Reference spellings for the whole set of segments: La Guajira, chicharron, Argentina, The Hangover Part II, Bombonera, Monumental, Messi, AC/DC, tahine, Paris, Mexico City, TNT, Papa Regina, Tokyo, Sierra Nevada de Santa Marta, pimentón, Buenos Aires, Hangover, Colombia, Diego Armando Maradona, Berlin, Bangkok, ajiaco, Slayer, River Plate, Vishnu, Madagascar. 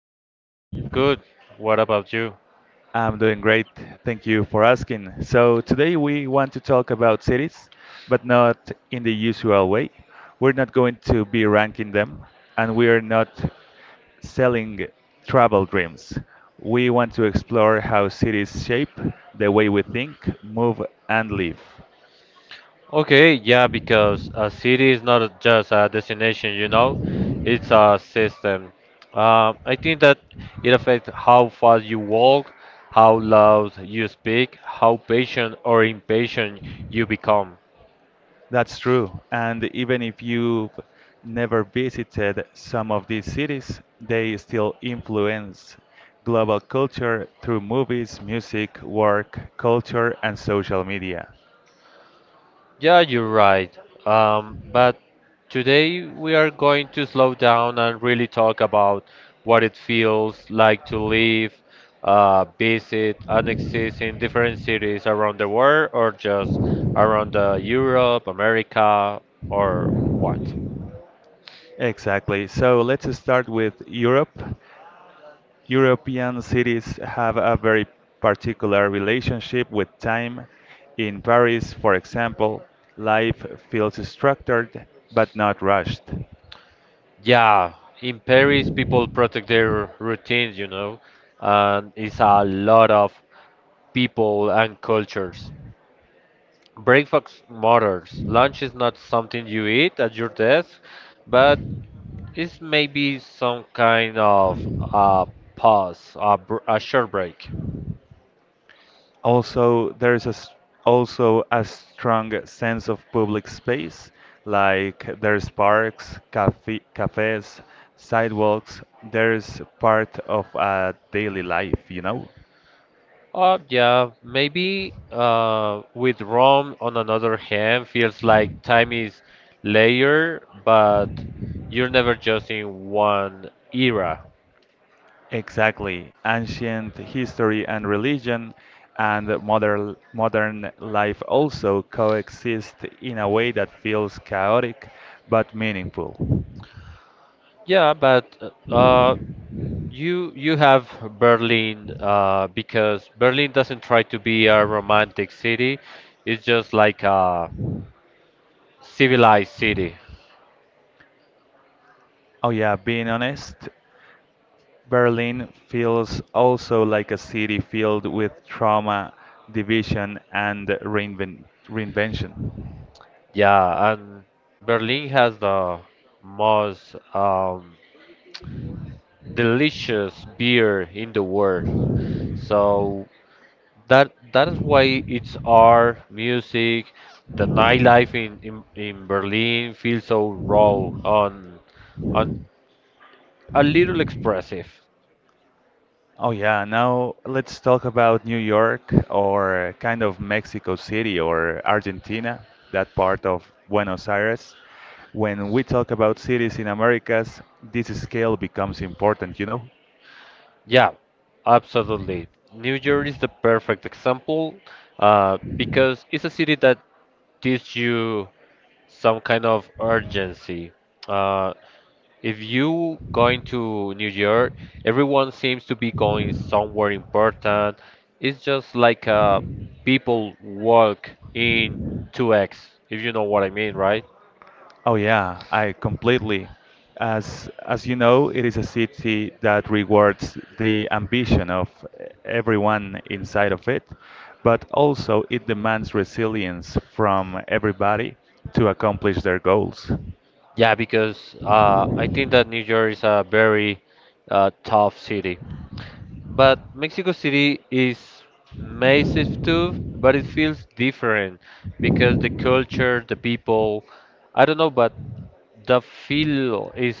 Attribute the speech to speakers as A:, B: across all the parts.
A: Tony. Everything is good. What about you?
B: I'm doing great. Thank you for asking. So, today we want to talk about cities, but not in the usual way. We're not going to be ranking them, and we are not selling travel dreams. We want to explore how cities shape the way we think, move, and live.
A: Okay, yeah, because a city is not just a destination, it's a system. I think that it affects how fast you walk, how loud you speak, how patient or impatient you become.
B: That's true. And even if you've never visited some of these cities, they still influence global culture through movies, music, work, culture, and social media.
A: Yeah, you're right. But today we are going to slow down and really talk about what it feels like to live, visit, and exist in different cities around the world or just around Europe, America, or what.
B: Exactly. So let's start with Europe. European cities have a very particular relationship with time. In Paris, for example, life feels structured but not rushed.
A: Yeah, in Paris, people protect their routines, and it's a lot of people and cultures. Breakfast matters. Lunch is not something you eat at your desk, but it's maybe some kind of uh, pause, a short break.
B: Also, there is a, s- also a strong sense of public space, like there's parks, cafes, sidewalks. There's part of a daily life, you know?
A: Yeah, maybe with Rome, on another hand, feels like time is layered, but you're never just in one era.
B: Exactly. Ancient history and religion and modern life also coexist in a way that feels chaotic but meaningful.
A: Yeah, but uh, you have Berlin because Berlin doesn't try to be a romantic city. It's just like a civilized city.
B: Oh yeah, being honest, Berlin feels also like a city filled with trauma, division, and reinvention.
A: Yeah, and Berlin has the most delicious beer in the world. So that is why it's our music, the nightlife in Berlin feels so raw on a little expressive.
B: Oh, yeah, now let's talk about New York or kind of Mexico City or Argentina, that part of Buenos Aires. When we talk about cities in Americas, this scale becomes important, you know?
A: Yeah, absolutely. New York is the perfect example because it's a city that gives you some kind of urgency. Uh, if you going to New York, everyone seems to be going somewhere important. It's just like people walk in 2x, if you know what I mean, right?
B: Oh yeah, I completely. As you know, it is a city that rewards the ambition of everyone inside of it, but also it demands resilience from everybody to accomplish their goals.
A: Yeah, because I think that New York is a very tough city. But Mexico City is massive too, but it feels different because the culture, the people, I don't know, but the feel is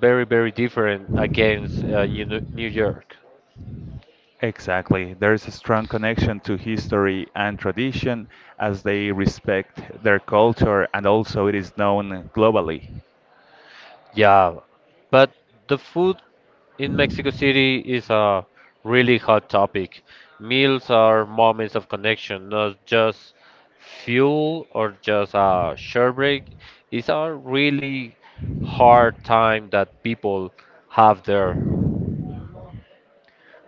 A: very, very different against you New York.
B: Exactly. There is a strong connection to history and tradition as they respect their culture and also it is known globally.
A: Yeah, but the food in Mexico City is a really hot topic. Meals are moments of connection, not just fuel or just a short break. It's a really hard time that people have there.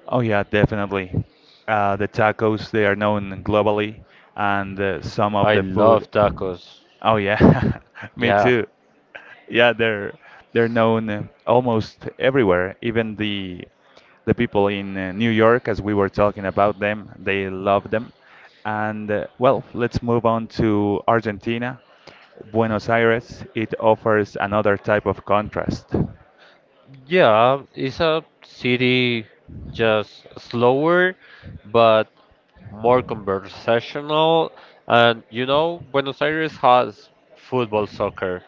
B: Oh yeah, definitely. The tacos, they are known globally, and some of
A: I
B: the food.
A: love tacos.
B: Oh yeah, me
A: Yeah.
B: too. Yeah, they're known almost everywhere. Even the people in New York, as we were talking about them, they love them. And let's move on to Argentina. Buenos Aires, it offers another type of contrast.
A: Yeah, it's a city just slower, but more conversational. And you know, Buenos Aires has football, soccer.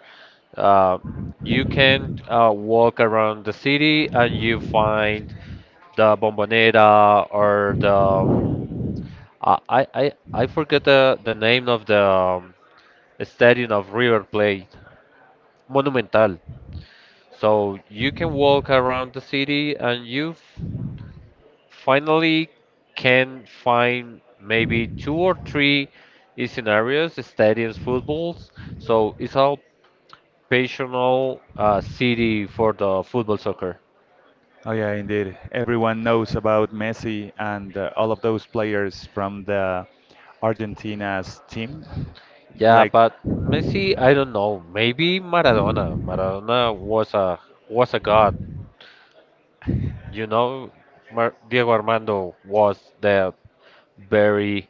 A: Uh, you can walk around the city and you find the Bombonera or the I forget the name of the stadium of River Plate, Monumental. So you can walk around the city and you finally can find maybe two or three scenarios, stadiums, footballs. So it's all passional city for the football soccer.
B: Oh yeah, indeed. Everyone knows about Messi and all of those players from the Argentina's team.
A: Yeah,
B: Like,
A: but Messi, I don't know. Maybe Maradona. Maradona was a god. You know, Mar Diego Armando was the very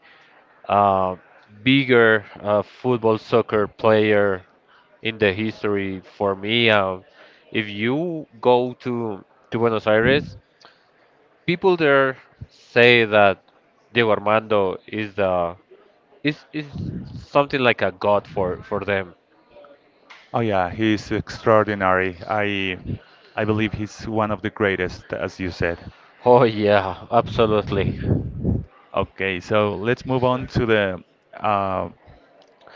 A: uh, bigger football soccer player in the history for me. If you go to Buenos Aires, people there say that Diego Armando is the is something like a god for them.
B: oh yeah, he's extraordinary. I believe he's one of the greatest, as you said.
A: Oh yeah, absolutely.
B: Okay, so let's move on to the uh,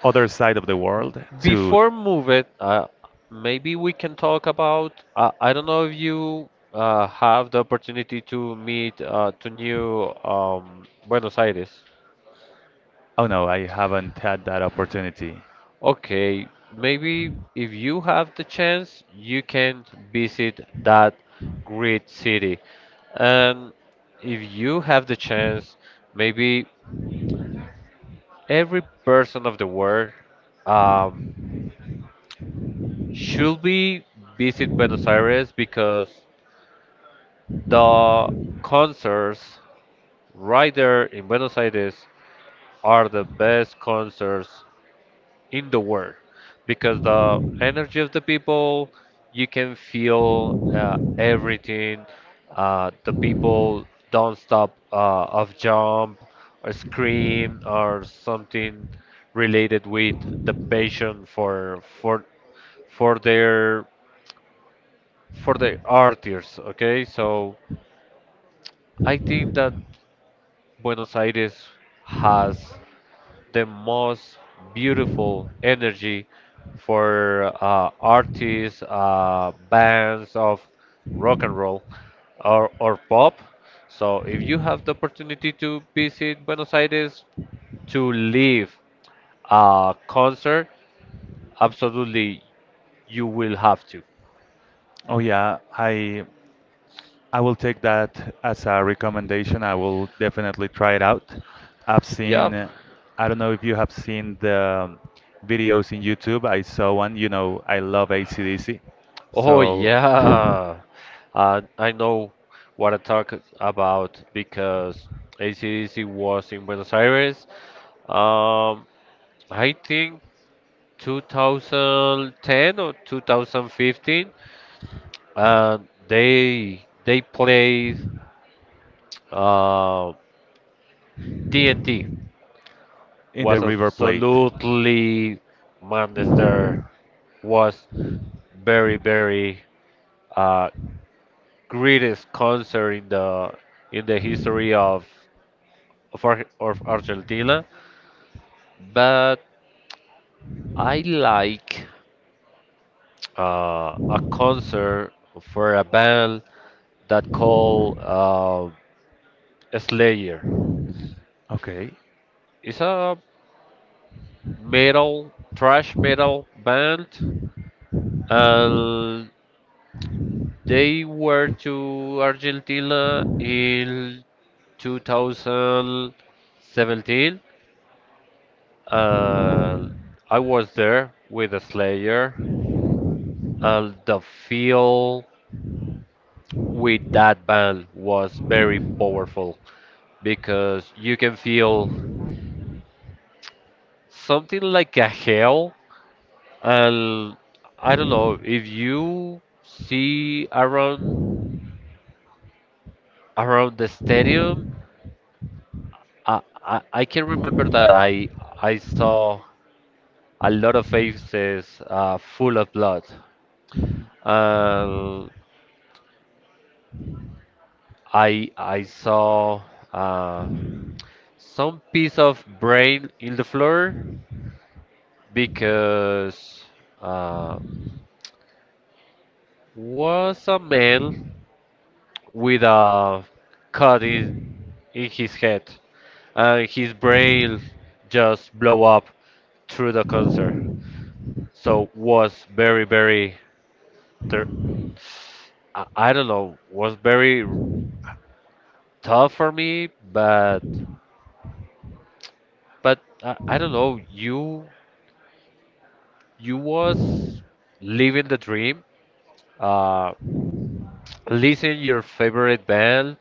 B: other side of the world to.
A: Before move it, maybe we can talk about. I don't know if you have the opportunity to meet to new Buenos Aires.
B: Oh no, I haven't had that opportunity.
A: Okay, maybe if you have the chance, you can visit that great city. And if you have the chance, maybe every person of the world um, should be visit Buenos Aires because the concerts right there in Buenos Aires are the best concerts in the world because the energy of the people you can feel everything the people don't stop of jump or scream or something related with the passion for their for their artists. Okay, so I think that Buenos Aires has the most beautiful energy for artists, bands of rock and roll or pop. So if you have the opportunity to visit Buenos Aires to live a concert, absolutely you will have to.
B: Oh yeah, I will take that as a recommendation. I will definitely try it out. I've seen,
A: Yep.
B: I don't know if you have seen the um, videos in YouTube. I saw one, you know, I love AC/DC.
A: Oh
B: So,
A: yeah. I know what I talk about because AC/DC was in Buenos Aires. Um, I think 2010 or 2015, and they played uh, TNT.
B: in the
A: Was
B: River Plate.
A: absolutely madness there. Was very very uh, greatest concert in the history of of Argentina. But I like a concert for a band that called. Slayer.
B: Okay.
A: It's a metal, thrash metal band, and they were to Argentina in 2017. And I was there with the Slayer, and the feel with that band was very powerful because you can feel something like a hell. And I don't know if you see around the stadium. I can remember that I saw a lot of faces full of blood. And I saw uh, some piece of brain in the floor because uh, was a man with a cut in his head. His brain just blow up through the concert, so was very very ter- I don't know was very tough for me, but I don't know you was living the dream. Uh, Listen your favorite band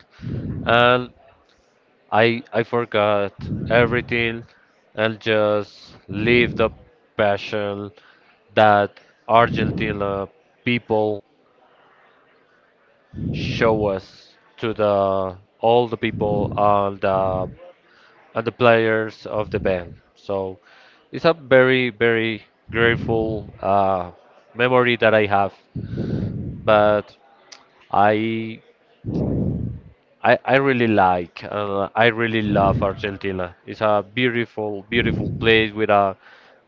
A: and I forgot everything and just live the passion that Argentina people show us to the all the people and the players of the band. So it's a very very grateful memory that I have. But I I really like I really love Argentina. It's a beautiful beautiful place with a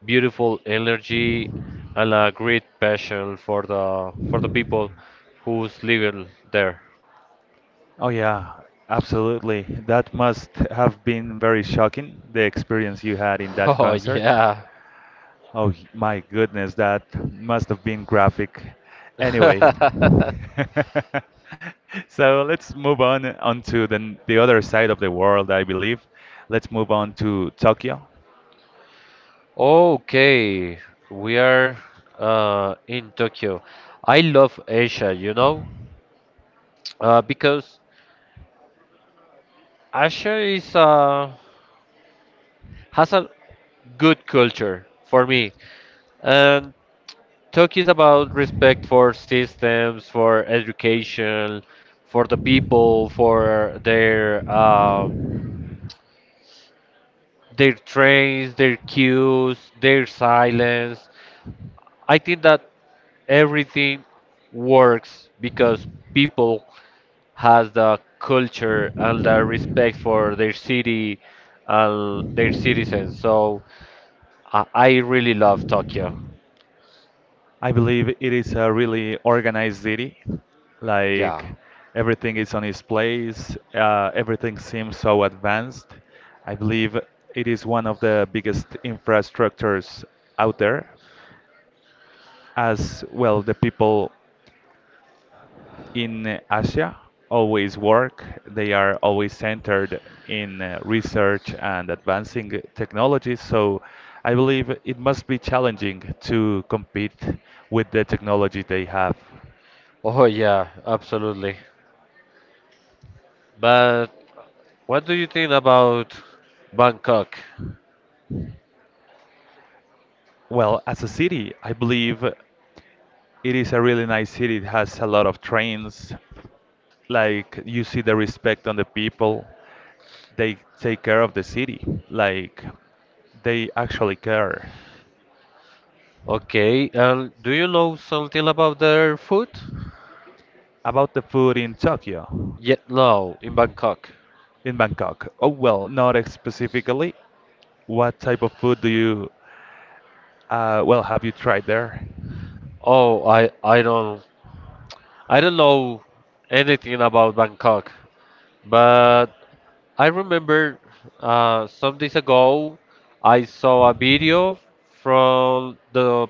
A: beautiful energy and a great passion for the people who's living there.
B: Oh yeah, absolutely. That must have been very shocking, the experience you had in that
A: Oh
B: concert.
A: yeah,
B: Oh y- my goodness, that must have been graphic. Anyway, so let's move on onto the other side of the world, I believe. Let's move on to Tokyo.
A: okay, we are in Tokyo. I love Asia, you know, because Asia is has a good culture for me, and Tokyo is about respect for systems, for education, for the people, for their trains, their queues, their silence. I think that everything works because people has the culture and the respect for their city and their citizens. So I really love Tokyo.
B: I believe it is a really organized city.
A: Yeah.
B: Like everything is on its place. Everything seems so advanced. I believe it is one of the biggest infrastructures out there. As well, the people in Asia always work. They are always centered in research and advancing technologies. So I believe it must be challenging to compete with the technology they have.
A: Oh yeah, absolutely. But what do you think about Bangkok?
B: Well, as a city, I believe it is a really nice city. It has a lot of trains. Like you see the respect on the people. They take care of the city. Like they actually care.
A: Okay, and do you know something about their food?
B: About the food in Tokyo,
A: Yeah, no, in Bangkok.
B: in Bangkok. Oh well, not specifically. What type of food do you, have you tried there?
A: Oh, I don't I don't know anything about Bangkok, but I remember some days ago I saw a video from the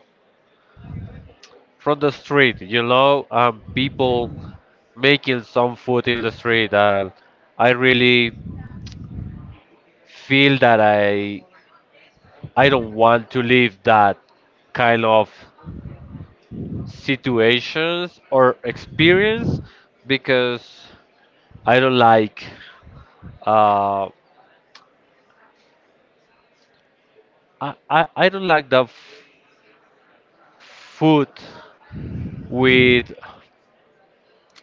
A: from the street, you know, people making some food in the street, and I really feel that I don't want to live that kind of situations or experience because I don't like uh, I don't like the food with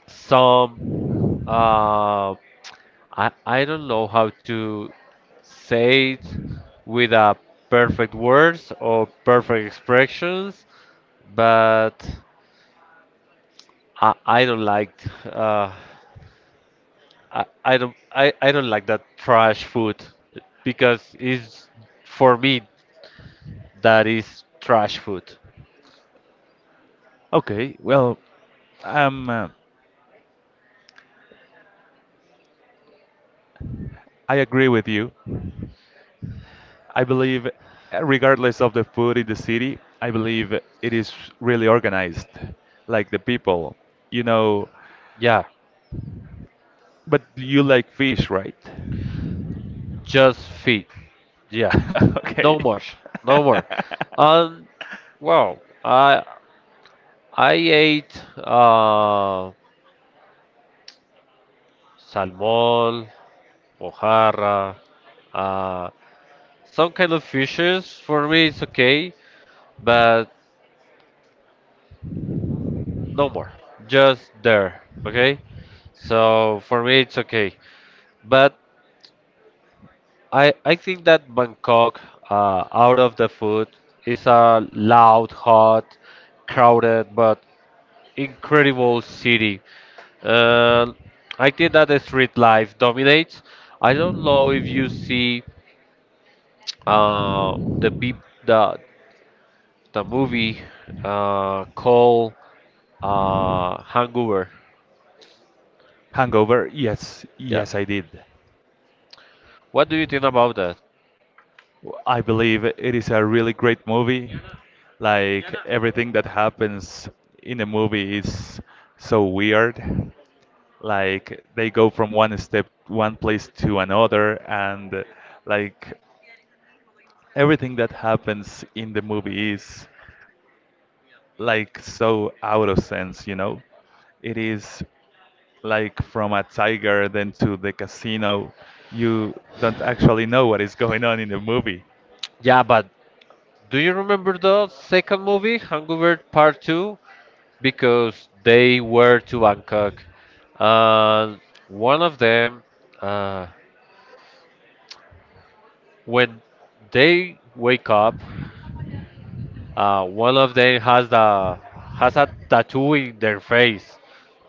A: some Uh, I don't know how to say it with a perfect words or perfect expressions, but I don't like uh I don't like that trash food because it's for me that is trash food.
B: Okay, well, um, uh, I agree with you. I believe, regardless of the food in the city, I believe it is really organized, like the people, you know.
A: Yeah,
B: But you like fish, right?
A: just feed. Yeah,
B: Okay.
A: no more, no more. Um, well, I ate. Salmon, mojarra, uh, some kind of fishes. For me, it's okay, but no more. Just there, okay? So for me, it's okay. But I think that Bangkok, out of the food, is a loud, hot, crowded, but incredible city. Uh, I think that the street life dominates. I don't know if you see the peop the the movie called Hangover.
B: Hangover? Yes,
A: Yeah.
B: yes, I did.
A: What do you think about that?
B: I believe it is a really great movie. Like everything that happens in the movie is so weird. Like they go from one step, one place to another, and like everything that happens in the movie is like so out of sense, you know? It is like from a tiger then to the casino. You don't actually know what is going on in the movie.
A: Yeah, but do you remember the second movie, Hangover Part 2? Because they were to Bangkok. And one of them, uh, when they wake up, one of them has a tattoo in their face.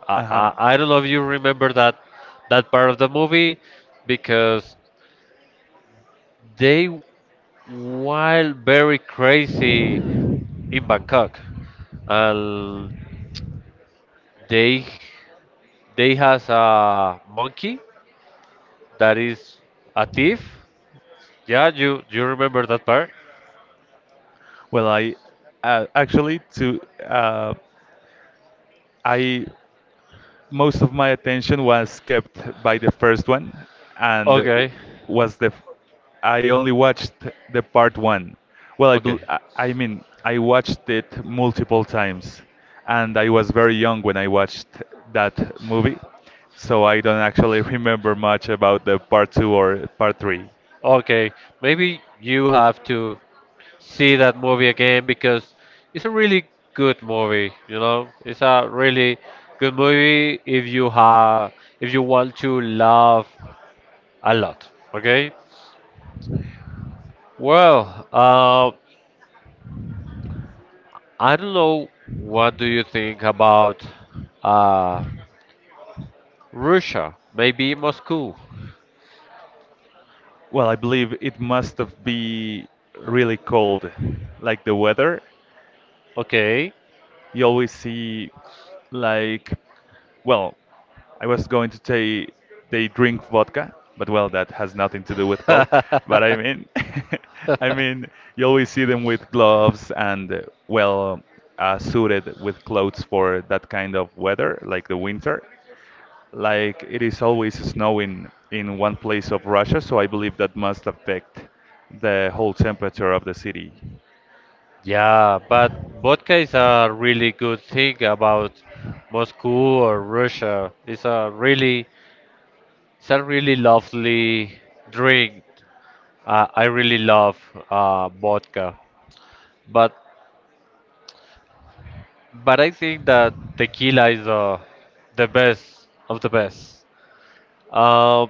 A: I,
B: Uh-huh.
A: I, I don't know if you remember that that part of the movie because they while very crazy in Bangkok. And they they has a monkey that is a thief. Yeah, you remember that part?
B: Well, I actually to uh, I Most of my attention was kept by the first one, and
A: Okay,
B: was the f- I only watched the part one. Well, I bel
A: okay,
B: I I mean I watched it multiple times, and I was very young when I watched that movie, so I don't actually remember much about the part two or part three.
A: okay. Maybe you have to see that movie again because it's a really good movie. You know, it's a really good movie if you have if you want to laugh a lot. Okay. Well, I don't know what do you think about uh, Russia, maybe Moscow.
B: Well, I believe it must have be really cold, like the weather.
A: Okay.
B: You always see, like, well, I was going to say they drink vodka, but well, that has nothing to do with cold. But I mean, I mean, you always see them with gloves and well, suited with clothes for that kind of weather, like the winter. Like it is always snowing in one place of Russia, so I believe that must affect the whole temperature of the city.
A: Yeah, but vodka is a really good thing about Moscow or Russia. It's a really lovely drink. I really love vodka, but but I think that tequila is the best of the best. Uh,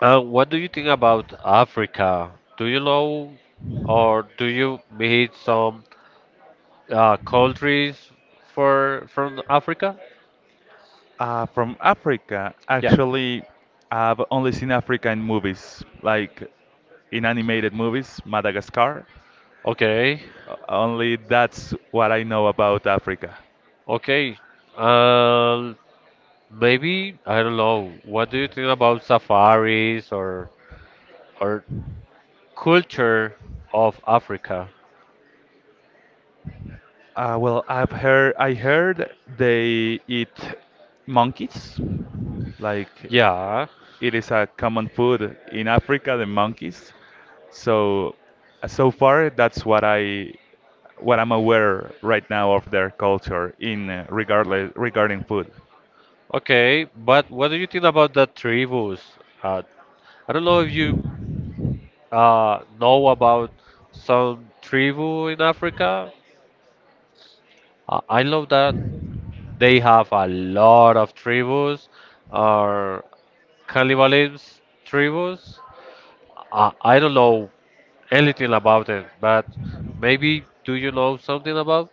A: What do you think about Africa? Do you know or do you meet some countries for from Africa?
B: From Africa,
A: Yeah.
B: actually, I've only seen Africa in movies, like in animated movies, Madagascar.
A: Okay.
B: Only that's what I know about Africa.
A: Okay. Uh, Maybe I don't know. What do you think about safaris or culture of Africa?
B: Well, I heard they eat monkeys, like
A: Yeah.
B: it is a common food in Africa, the monkeys. So, so far, that's what I what I'm aware right now of their culture in regardless regarding food.
A: Okay. But what do you think about the tribus? Uh, I don't know if you know about some tribu in Africa. I love that they have a lot of tribus or cannibalism tribus. I don't know anything about it, but maybe do you know something about?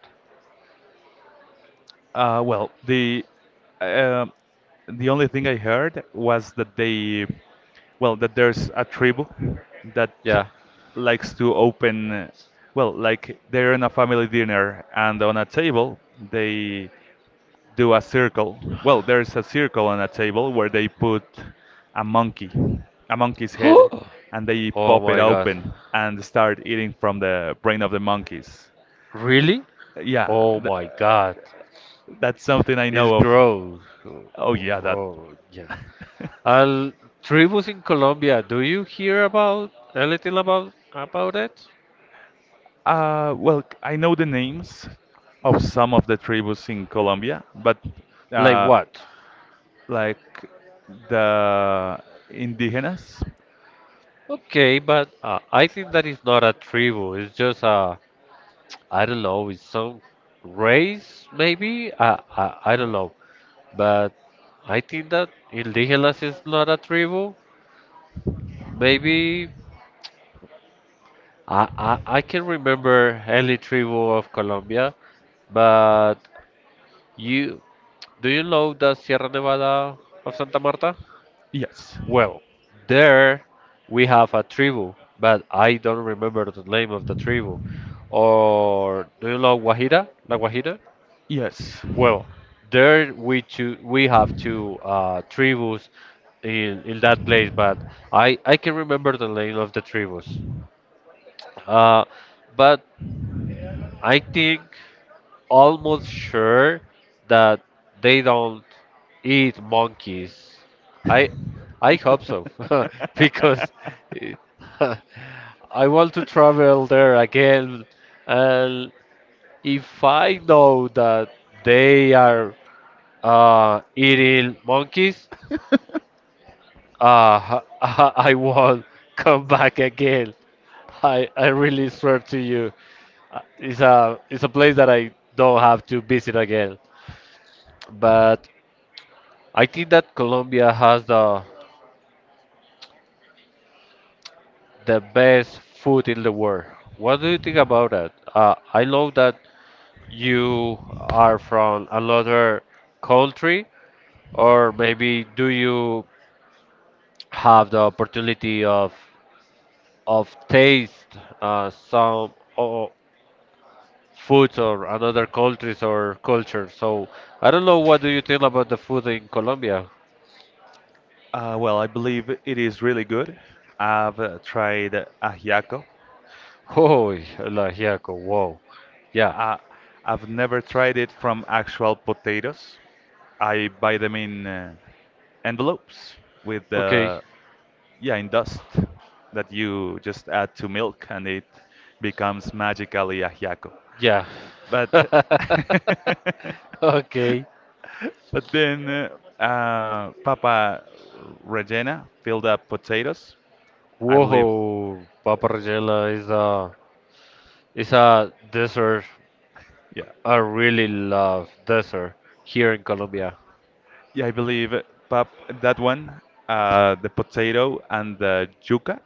B: Uh, well, the uh, the only thing I heard was that they, well, that there's a tribe that
A: Yeah.
B: likes to open, well, like they're in a family dinner and on a table they do a circle. Well, there's a circle on a table where they put a monkey, a monkey's head,
A: Oh
B: and they pop it
A: my god.
B: open and start eating from the brain of the monkeys.
A: Really?
B: Yeah,
A: Oh my god.
B: that's something I know
A: It's
B: of.
A: gross. Oh,
B: Oh, yeah,
A: oh,
B: that.
A: oh, yeah. Al tribus in Colombia, do you hear about anything about it?
B: Well, I know the names of some of the tribus in Colombia, but
A: Like
B: uh,
A: what?
B: like the indigenous.
A: Okay, but I think that is not a tribu. It's just a I don't know. It's some race maybe. I don't know. But I think that indigenous is not a tribu. Maybe I can remember any tribu of Colombia, but you do you know the Sierra Nevada of Santa Marta?
B: Yes.
A: Well, there we have a tribu, but I don't remember the name of the tribu. Or do you know Guajira? La Guajira?
B: Yes.
A: Well, we have two tribus in that place, but I can remember the name of the tribus. Uh, but I think almost sure that they don't eat monkeys. I I hope so because I want to travel there again and if I know that they are eating monkeys, I won't come back again. I really swear to you, it's a place that I don't have to visit again. But I think that Colombia has the best food in the world. What do you think about that? I know that you are from another country, or maybe do you have the opportunity of taste some o foods or another countries or culture? So I don't know. What do you think about the food in Colombia?
B: Well, I believe it is really good. I've tried ajiaco.
A: Oh, la Giaco, wow. Yeah.
B: Uh, I've never tried it from actual potatoes. I buy them in envelopes with
A: Okay.
B: the, yeah, in dust that you just add to milk and it becomes magically ajiaco.
A: Yeah.
B: But
A: Okay.
B: but then Papa Regina filled up potatoes. I believe,
A: Whoa, Paparella is a dessert.
B: yeah,
A: I really love dessert here in Colombia.
B: yeah, I believe Pap that one, the potato and the yuca,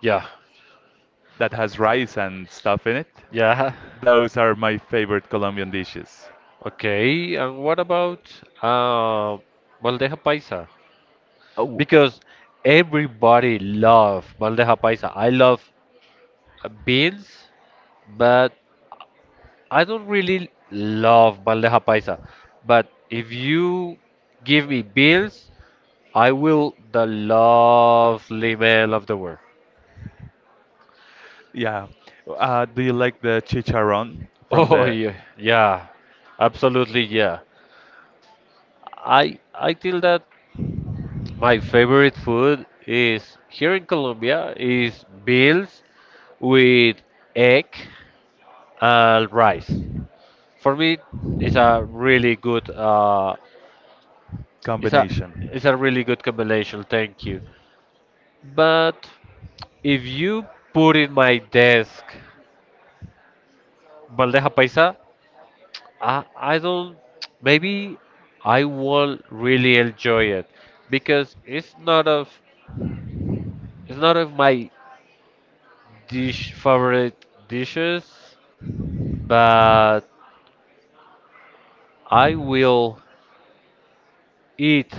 A: Yeah,
B: that has rice and stuff in it.
A: yeah.
B: Those are my favorite Colombian dishes.
A: Okay, and what about uh, bandeja paisa?
B: Oh, uh,
A: Because everybody love bandeja paisa. I love beans, but I don't really love bandeja paisa. But if you give me beans, I will the lovely man of the world.
B: yeah. Do you like the chicharron from
A: Oh
B: the
A: yeah, yeah, absolutely yeah. I feel that my favorite food is here in Colombia is bills with egg and rice. For me, it's a really good it's a
B: combination?
A: it's a really good combination. Thank you. But if you put in my desk bandeja paisa, I don't maybe I will really enjoy it because it's not of my dish favorite dishes, but I will eat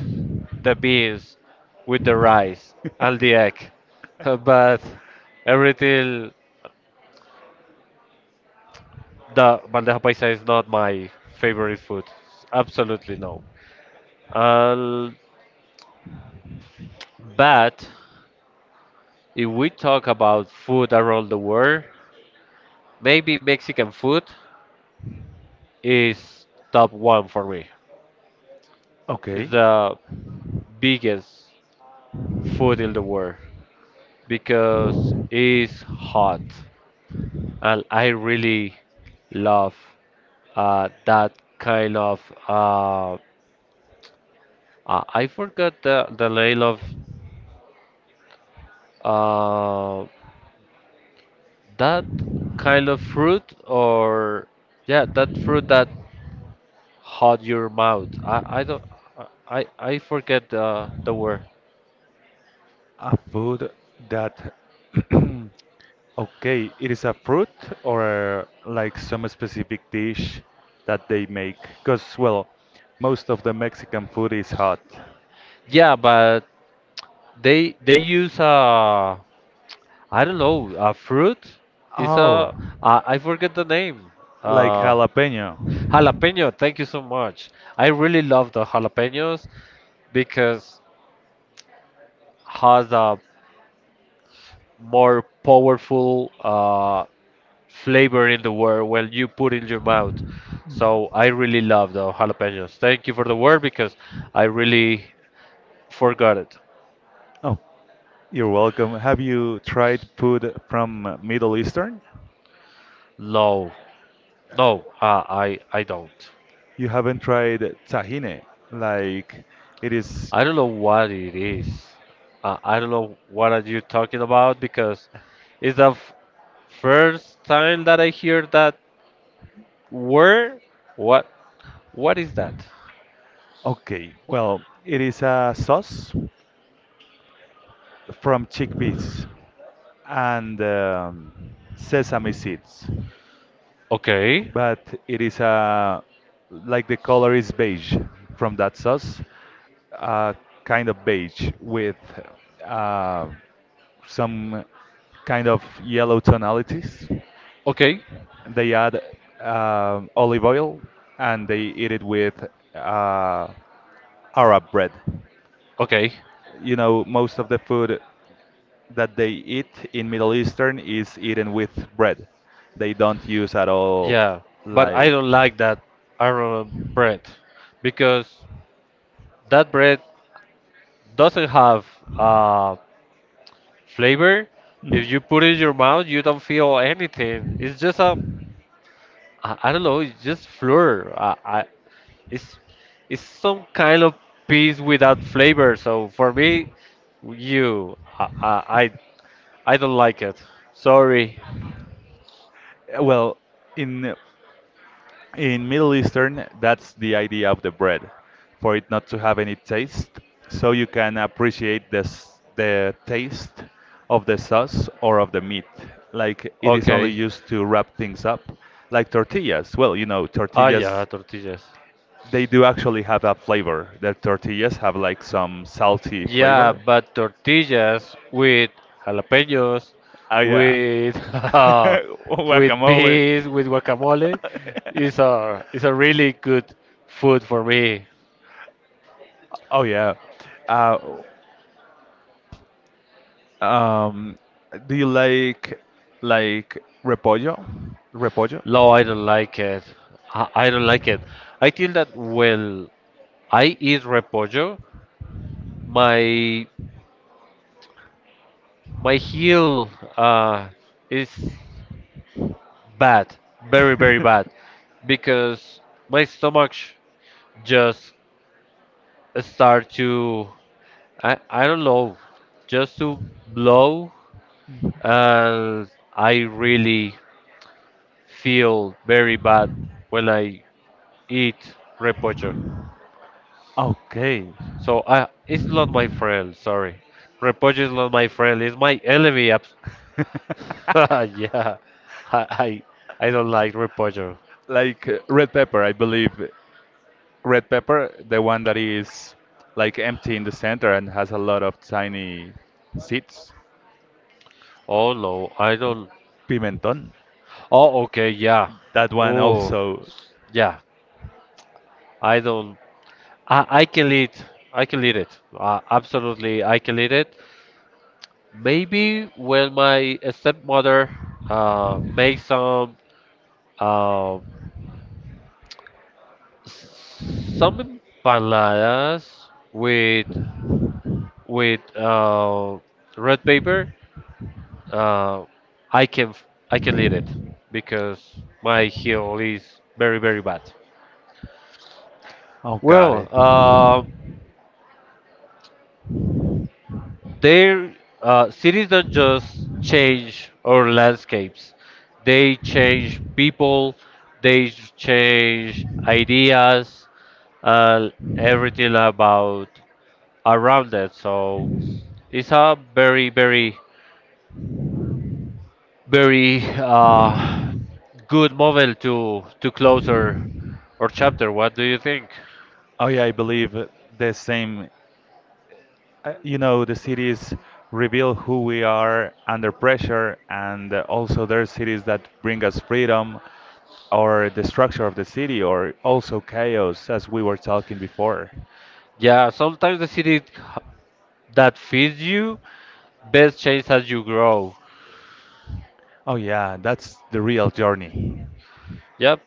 A: the beans with the rice and the egg. But everything the bandeja paisa is not my favorite food. Absolutely no. Uh, but if we talk about food around the world, maybe Mexican food is top one for me. It's
B: Okay.
A: the biggest food in the world because it's hot and I really love that kind of uh, I forgot the name of uh, that kind of fruit or yeah that fruit that hot your mouth, I don't I forget the word.
B: A food that, okay, it is a fruit or like some specific dish that they make? Because, well, most of the Mexican food is hot.
A: Yeah, but they use a I don't know a fruit. It's
B: Oh,
A: a I forget the name.
B: like
A: Uh,
B: jalapeno.
A: jalapeno. Thank you so much. I really love the jalapenos because has a more powerful flavor in the word when you put in your mouth. So I really love the jalapenos. Thank you for the word because I really forgot it.
B: Oh, you're welcome. Have you tried food from Middle Eastern?
A: No, no, I don't.
B: You haven't tried tahine. Like, it is,
A: I don't know what it is. I don't know what are you talking about because it's first time that I hear that word. What what is that?
B: okay, well, it is a sauce from chickpeas and sesame seeds.
A: Okay,
B: But it is a like the color is beige from that sauce, uh, kind of beige with uh, some kind of yellow tonalities.
A: okay,
B: They add olive oil and they eat it with uh, Arab bread.
A: okay.
B: You know, most of the food that they eat in Middle Eastern is eaten with bread. They don't use at all
A: Yeah, but I
B: like
A: don't like that Arnold bread because that bread doesn't have uh, flavor. If you put it in your mouth, you don't feel anything. It's just a
B: Mhm.
A: I don't know. It's just flour. It's some kind of peas without flavor. So for me, you, I don't like it. Sorry.
B: Well, in In Middle Eastern, that's the idea of the bread, for it not to have any taste, so you can appreciate this, the taste of the sauce or of the meat. Like it is only
A: Okay.
B: used to wrap things up, like tortillas. Well, you know,
A: Ah, yeah,
B: tortillas,
A: tortillas.
B: they do actually have a flavor. The tortillas have like some salty
A: Yeah,
B: flavor.
A: but tortillas with jalapenos,
B: Oh yeah,
A: with with
B: guacamole.
A: beans, with guacamole, is a really good food for me.
B: Oh yeah. Uh, um, do you like repollo? Repollo?
A: No, I don't like it. I don't like it. I think that well, I eat repollo, my my heel uh, is bad, very very bad, because my stomach just start to I don't know, just to blow, and I really feel very bad when I eat repocho.
B: Okay.
A: So I it's not my friend. Sorry, repocho is not my friend. It's my enemy. Abs- yeah, I I I don't like repocho.
B: Like red pepper, I believe. Red pepper, the one that is like empty in the center and has a lot of tiny seeds.
A: Oh no, I don't.
B: Pimentón.
A: Oh, okay, yeah.
B: That one
A: Oh,
B: also.
A: yeah. I don't. I can lead. I can lead it. Absolutely, I can lead it. Maybe when my stepmother makes some uh some empanadas with with uh red paper, uh, I can lead it because my heel is very very bad.
B: Oh, got
A: Well,
B: it.
A: their cities don't just change our landscapes, they change people, they change ideas, uh, everything about around it, so it's a very very very good model to close our chapter. What do you think?
B: Oh yeah, I believe the same. You know, the cities reveal who we are under pressure, and also there are cities that bring us freedom, or the structure of the city, or also chaos, as we were talking before.
A: Yeah, sometimes the city that feeds you best changes as you grow.
B: Oh yeah, that's the real journey.
A: Yep.